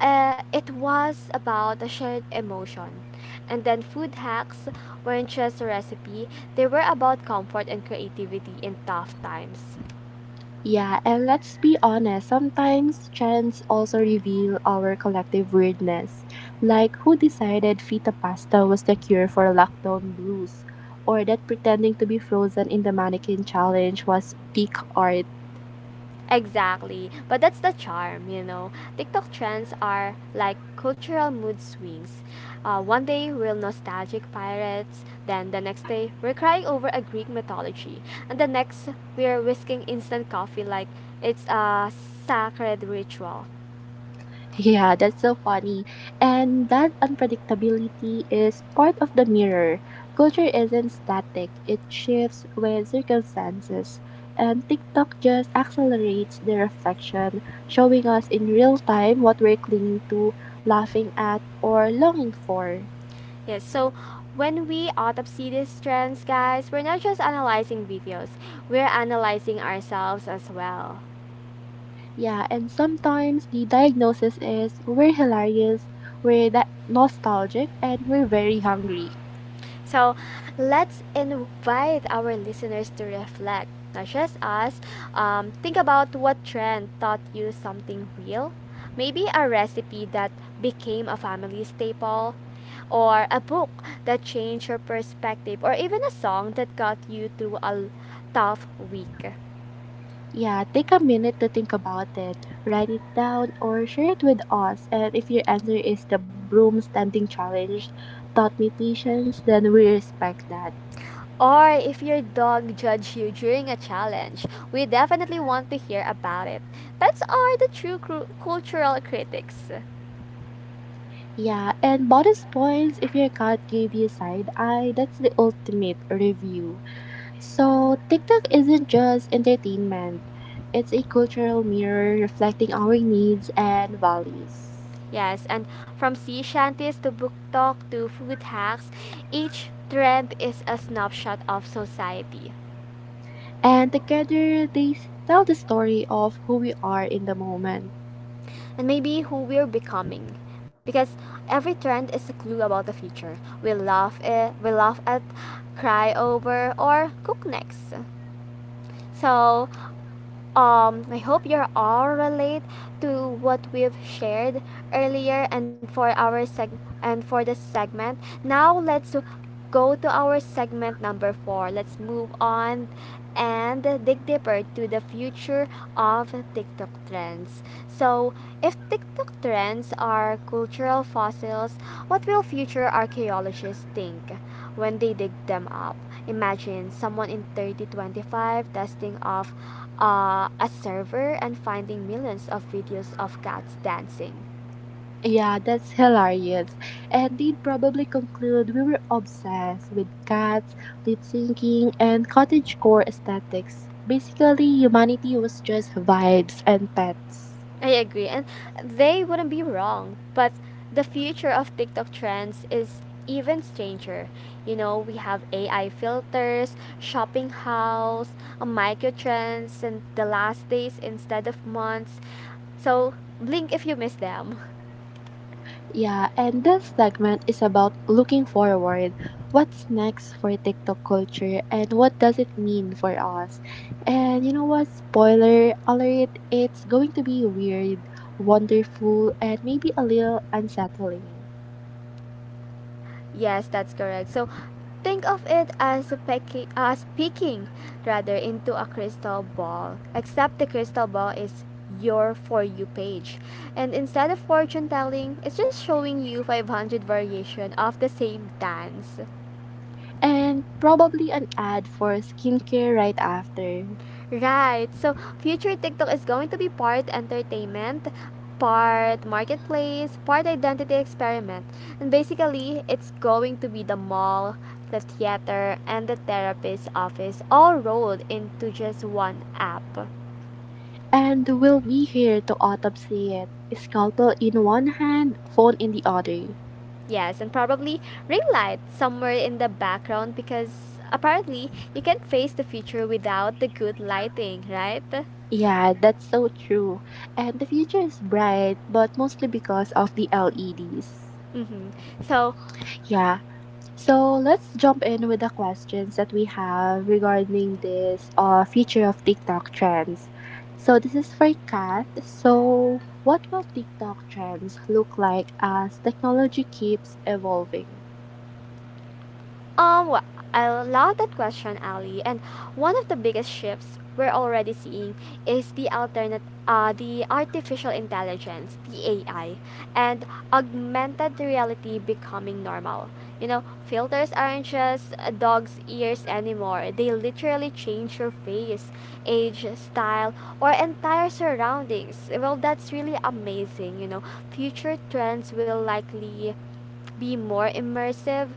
Speaker 1: it was about a shared emotion. And then, food hacks weren't just a recipe, they were about comfort and creativity in tough times.
Speaker 2: Yeah, and let's be honest, sometimes trends also reveal our collective weirdness. Like, who decided feta pasta was the cure for lockdown blues? Or that pretending to be frozen in the mannequin challenge was peak art.
Speaker 1: Exactly. But that's the charm, you know. TikTok trends are like cultural mood swings. One day we're nostalgic pirates, then the next day we're crying over a Greek mythology, and the next we're whisking instant coffee like it's a sacred ritual.
Speaker 2: Yeah, that's so funny. And that unpredictability is part of the mirror. Culture isn't static, it shifts with circumstances. And TikTok just accelerates the reflection, showing us in real time what we're clinging to, laughing at, or longing for.
Speaker 1: Yes, so when we autopsy these trends, guys, we're not just analyzing videos, we're analyzing ourselves as well.
Speaker 2: Yeah, and sometimes the diagnosis is we're hilarious, we're that nostalgic, and we're very hungry.
Speaker 1: So let's invite our listeners to reflect, not just us. Think about what trend taught you something real. Maybe a recipe that became a family staple, or a book that changed your perspective, or even a song that got you through a tough week.
Speaker 2: Yeah, take a minute to think about it. Write it down or share it with us. And if your answer is the broom standing challenge taught me patience, then we respect that.
Speaker 1: Or if your dog judged you during a challenge, we definitely want to hear about it. Pets are the true cultural critics.
Speaker 2: Yeah, and bonus points if your cat gave you side eye. That's the ultimate review. So, TikTok isn't just entertainment, it's a cultural mirror reflecting our needs and values.
Speaker 1: Yes, and from sea shanties to book talk to food hacks, each trend is a snapshot of society
Speaker 2: And together, they tell the story of who we are in the moment.
Speaker 1: and maybe who we're becoming. Because every trend is a clue about the future. We laugh at, cry over, or cook next. So I hope you all relate to what we've shared earlier and for our seg and for the segment. Now let's go to our segment number 4. Let's move on and dig deeper to the future of TikTok trends. So, if TikTok trends are cultural fossils, what will future archaeologists think when they dig them up? Imagine someone in 3025 dusting off a server and finding millions of videos of cats dancing.
Speaker 2: Yeah, that's hilarious. And they'd probably conclude we were obsessed with cats, lip syncing, and cottagecore aesthetics. Basically, humanity was just vibes and pets.
Speaker 1: I agree. And they wouldn't be wrong. But the future of TikTok trends is even stranger. You know, we have AI filters, shopping hauls, micro trends, and the last days instead of months. So blink if you miss them.
Speaker 2: Yeah, and this segment is about looking forward. What's next for TikTok culture and what does it mean for us? And you know what? Spoiler alert, it's going to be weird, wonderful, and maybe a little unsettling.
Speaker 1: Yes, that's correct. So think of it as a pecking, as peeking rather into a crystal ball. Except the crystal ball is your for you page. And instead of fortune telling, it's just showing you 500 variation of the same dance.
Speaker 2: And probably an ad for skincare right after.
Speaker 1: Right. So future TikTok is going to be part entertainment, part marketplace, part identity experiment. And basically, it's going to be the mall, the theater, and the therapist's office all rolled into just one app.
Speaker 2: And we'll be here to autopsy it. Scalpel in one hand, phone in the other.
Speaker 1: Yes, and probably ring light somewhere in the background because apparently you can't face the future without the good lighting, right?
Speaker 2: Yeah, that's so true. And the future is bright, but mostly because of the LEDs.
Speaker 1: Mm-hmm. So
Speaker 2: Yeah, let's jump in with the questions that we have regarding this future of TikTok trends. So this is for Kat. So what will TikTok trends look like as technology keeps evolving?
Speaker 1: Well, I love that question, Ali. And one of the biggest shifts we're already seeing is the artificial intelligence, the AI, and augmented reality becoming normal. You know, filters aren't just a dog's ears anymore. They literally change your face, age, style, or entire surroundings. Well, that's really amazing. You know, future trends will likely be more immersive.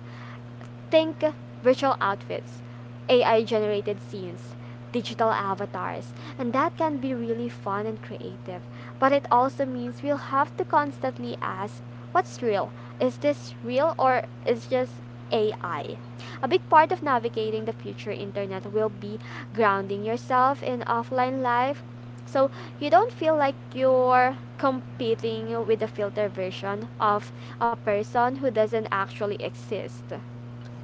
Speaker 1: Think virtual outfits, AI generated scenes, digital avatars, and that can be really fun and creative. But it also means we'll have to constantly ask what's real? Is this real or is just AI? A big part of navigating the future internet will be grounding yourself in offline life so you don't feel like you're competing with the filter version of a person who doesn't actually exist.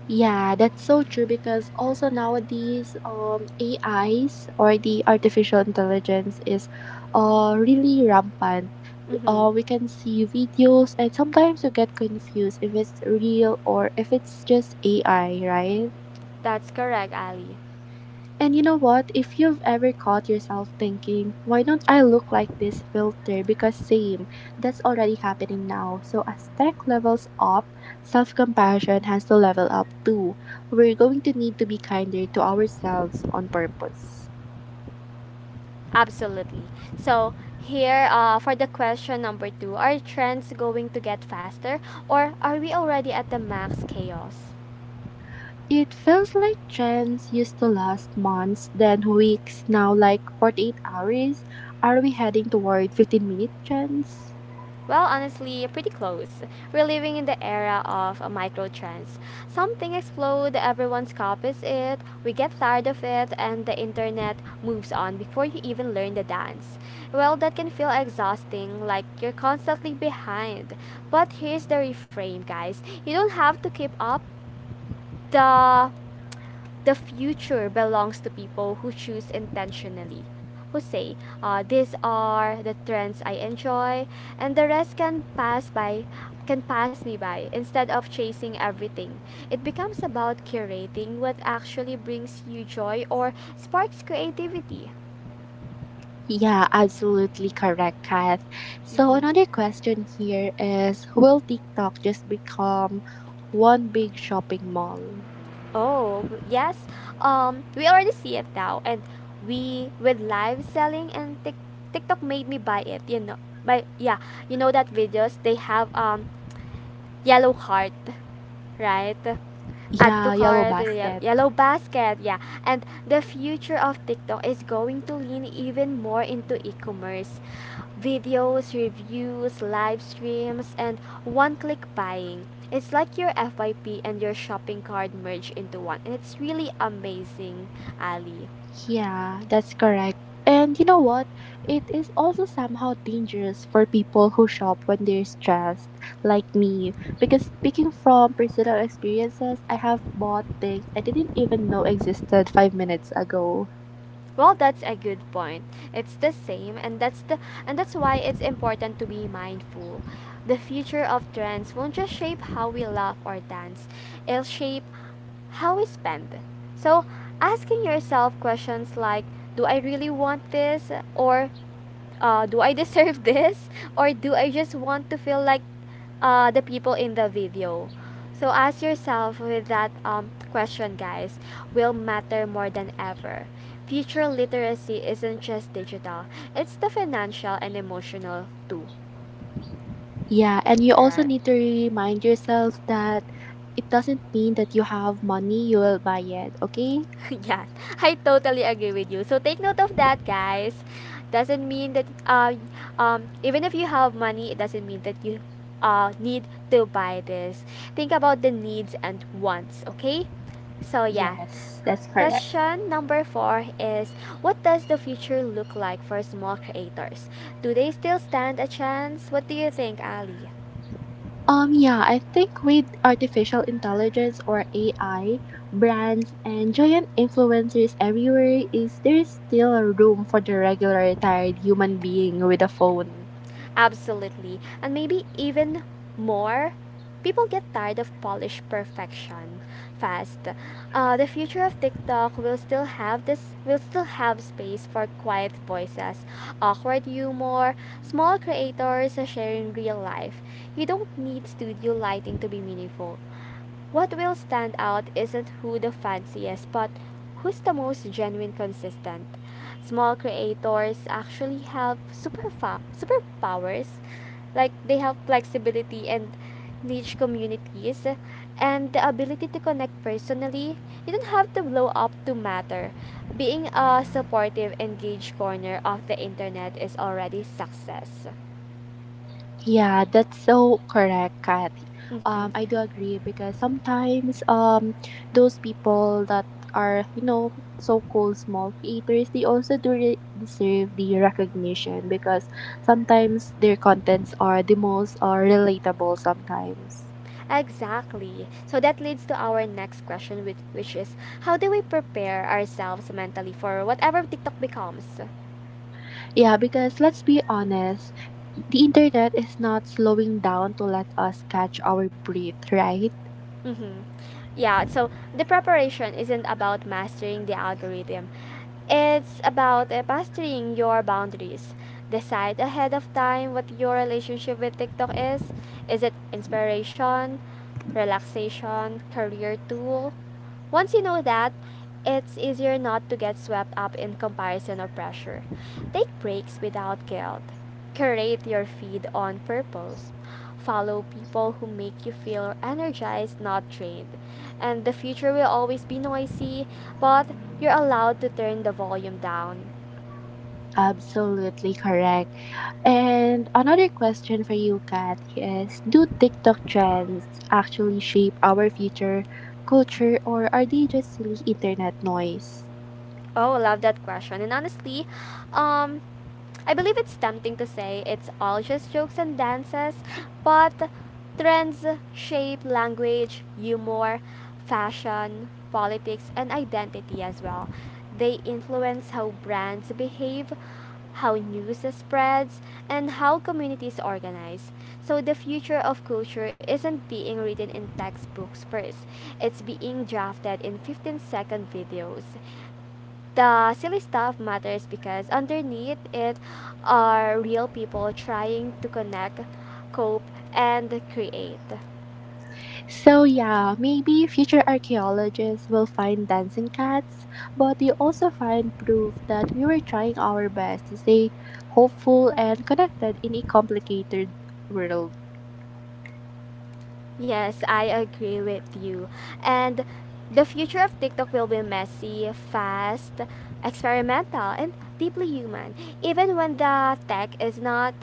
Speaker 2: Yeah, that's so true because also nowadays AIs or the artificial intelligence is really rampant.
Speaker 1: Mm-hmm.
Speaker 2: We can see videos and sometimes you get confused if it's real or if it's just AI, right?
Speaker 1: That's correct, Ali.
Speaker 2: And you know what? If you've ever caught yourself thinking, why don't I look like this filter? Because same, that's already happening now. So as tech levels up, self compassion has to level up too. We're going to need to be kinder to ourselves on purpose.
Speaker 1: Absolutely. So, here for the question number 2. Are trends going to get faster or are we already at the max chaos?
Speaker 2: It feels like trends used to last months, then weeks, now like 48 hours. Are we heading toward 15-minute trends?
Speaker 1: Well, honestly, pretty close. We're living in the era of microtrends. Something explodes, everyone copies it, we get tired of it, and the internet moves on before you even learn the dance. Well, that can feel exhausting, like you're constantly behind. But here's the reframe, guys you don't have to keep up. The the future belongs to people who choose intentionally, who say, "These are the trends I enjoy, and the rest can pass by, can pass me by." Instead of chasing everything, it becomes about curating what actually brings you joy or sparks creativity.
Speaker 2: Yeah, absolutely correct, Kath. So,
Speaker 1: Mhm.
Speaker 2: another question here is: will TikTok just become one big shopping mall?
Speaker 1: Oh yes, we already see it now, and we with live selling and TikTok made me buy it. You know, by yeah, you know that videos they have yellow cart, right? Add to
Speaker 2: Yeah, Yellow
Speaker 1: cart,
Speaker 2: Basket.
Speaker 1: yellow basket, yeah. And the future of TikTok is going to lean even more into e-commerce, videos, reviews, live streams, and one-click buying. It's like your FYP and your shopping cart merge into one, and it's really amazing, Ali.
Speaker 2: Yeah, that's correct. And you know what? It is also somehow dangerous for people who shop when they're stressed, like me. Because speaking from personal experiences, I have bought things I didn't even know existed 5 minutes ago.
Speaker 1: Well, that's a good point. It's the same and that's the and that's why it's important to be mindful. The future of trends won't just shape how we laugh or dance. It'll shape how we spend. So, asking yourself questions like do I really want this or do I deserve this or do I just want to feel like the people in the video? So ask yourself with that question, guys, will matter more than ever. Future literacy isn't just digital, it's the financial and emotional too,
Speaker 2: Yeah, and you also
Speaker 1: right?
Speaker 2: need to remind yourself that it doesn't mean that you have money, you will buy it, okay?
Speaker 1: Yeah, I totally agree with you. So take note of that, guys. Doesn't mean that even if you have money, it doesn't mean that you need to buy this. Think about the needs and wants, okay? So yeah.
Speaker 2: Yes, that's correct.
Speaker 1: Question number four is what does the future look like for small creators? Do they still stand a chance? What do you think, Ali?
Speaker 2: Yeah, I think with artificial intelligence or AI, brands and giant influencers everywhere, is there's still a room for the regular tired human being with a phone.
Speaker 1: Absolutely. And maybe even more, people get tired of polished perfection fast. The future of TikTok will still have space for quiet voices, awkward humor, small creators sharing real life. You don't need studio lighting to be meaningful. What will stand out isn't who the fanciest, but who's the most genuine consistent. Small creators actually have superpowers, like they have flexibility and niche communities and the ability to connect personally. You don't have to blow up to matter. Being a supportive, engaged corner of the internet is already success.
Speaker 2: Yeah, that's so correct, Kat.
Speaker 1: Mhm.
Speaker 2: I do agree because sometimes those people that are you know so-called small creators, they also do deserve the recognition because sometimes their contents are the most relatable sometimes.
Speaker 1: Exactly. So that leads to our next question, which is how do we prepare ourselves mentally for whatever TikTok becomes?
Speaker 2: Yeah, because let's be honest, the internet is not slowing down to let us catch our breath, right?
Speaker 1: Mm-hmm. Yeah, so the preparation isn't about mastering the algorithm, it's about mastering your boundaries. Decide ahead of time what your relationship with TikTok is. Is it inspiration, relaxation, career tool, once you know that, it's easier not to get swept up in comparison or pressure. Take breaks without guilt. Curate your feed on purpose. Follow people who make you feel energized, not drained. And the future will always be noisy, but you're allowed to turn the volume down.
Speaker 2: Absolutely correct. And another question for you, Kat, is do TikTok trends actually shape our future culture or are they just silly internet noise?
Speaker 1: Oh, love that question. And honestly, um, I believe it's tempting to say it's all just jokes and dances, but trends shape language, humor, fashion, politics, and identity as well. They influence how brands behave, how news spreads, and how communities organize. So the future of culture isn't being written in textbooks first. It's being drafted in 15-second videos. The silly stuff matters because underneath it are real people trying to connect, cope, and create.
Speaker 2: So, yeah, maybe future archaeologists will find dancing cats, but they also find proof that we were trying our best to stay hopeful and connected in a complicated world.
Speaker 1: Yes, I agree with you. And the future of TikTok will be messy, fast, experimental, and deeply human, even when the tech is not.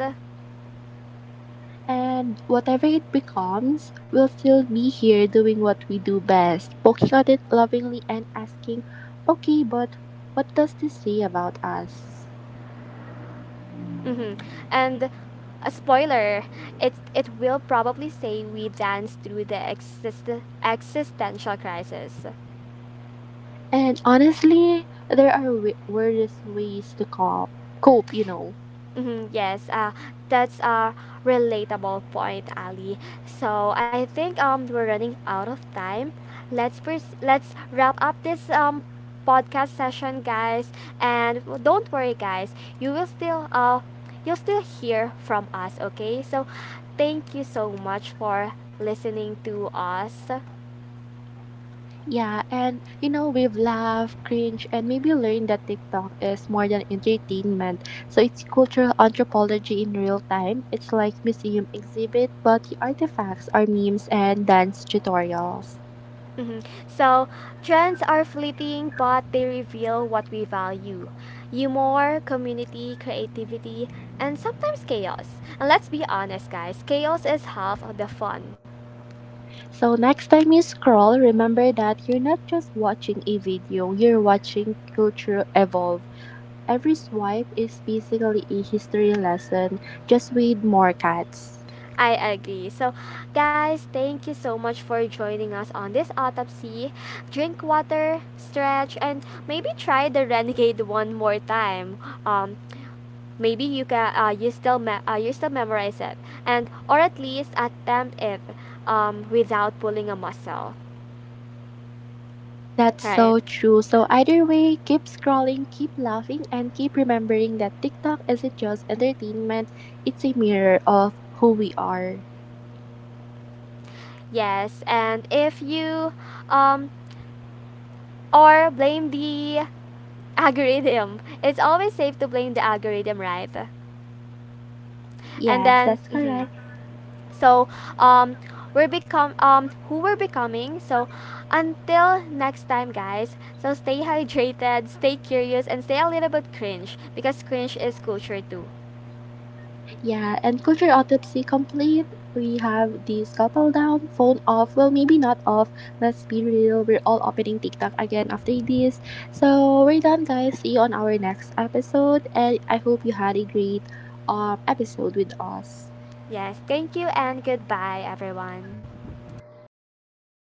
Speaker 2: And whatever it becomes, we'll still be here doing what we do best, poking at it lovingly and asking, okay, but what does this say about us?
Speaker 1: Mhm. And a spoiler, it will probably say we dance through the existential crisis.
Speaker 2: And honestly, there are worse ways to cope, you know.
Speaker 1: Mhm, yes, that's a relatable point, Ali. So I think we're running out of time. Let's wrap up this podcast session, guys. And don't worry, guys. You will still you'll still hear from us. Okay, so thank you so much for listening to us.
Speaker 2: Yeah, and you know, we've laughed, cringed, and maybe learned that TikTok is more than entertainment. So it's cultural anthropology in real time. It's like museum exhibit, but the artifacts are memes and dance tutorials.
Speaker 1: Hmm. So, trends are fleeting, but they reveal what we value humor, community, creativity, and sometimes chaos. And let's be honest, guys, chaos is half of the fun.
Speaker 2: So next time you scroll, remember that you're not just watching a video, you're watching culture evolve. Every swipe is basically a history lesson, just with more cats.
Speaker 1: I agree. So, guys, thank you so much for joining us on this autopsy. Drink water, stretch, and maybe try the Renegade one more time. Um, Maybe you can you still memorize it, and or at least attempt it without pulling a muscle,
Speaker 2: That's
Speaker 1: right?
Speaker 2: so true. So either way, keep scrolling, keep laughing, and keep remembering that TikTok isn't just entertainment, it's a mirror of who we are.
Speaker 1: Yes, and if you um, or blame the algorithm, it's always safe to blame the algorithm, right? And
Speaker 2: Yes,
Speaker 1: then.
Speaker 2: that's
Speaker 1: Mhm.
Speaker 2: correct.
Speaker 1: So um we're become who we're becoming. So until next time, guys, so stay hydrated, stay curious, and stay a little bit cringe because cringe is culture too.
Speaker 2: Yeah, and culture autopsy complete. We have this couple down, phone off. Well, maybe not off. Let's be real. We're all opening TikTok again after this. So we're done, guys. See you on our next episode, and I hope you had a great episode with us.
Speaker 1: Yes, thank you and goodbye everyone.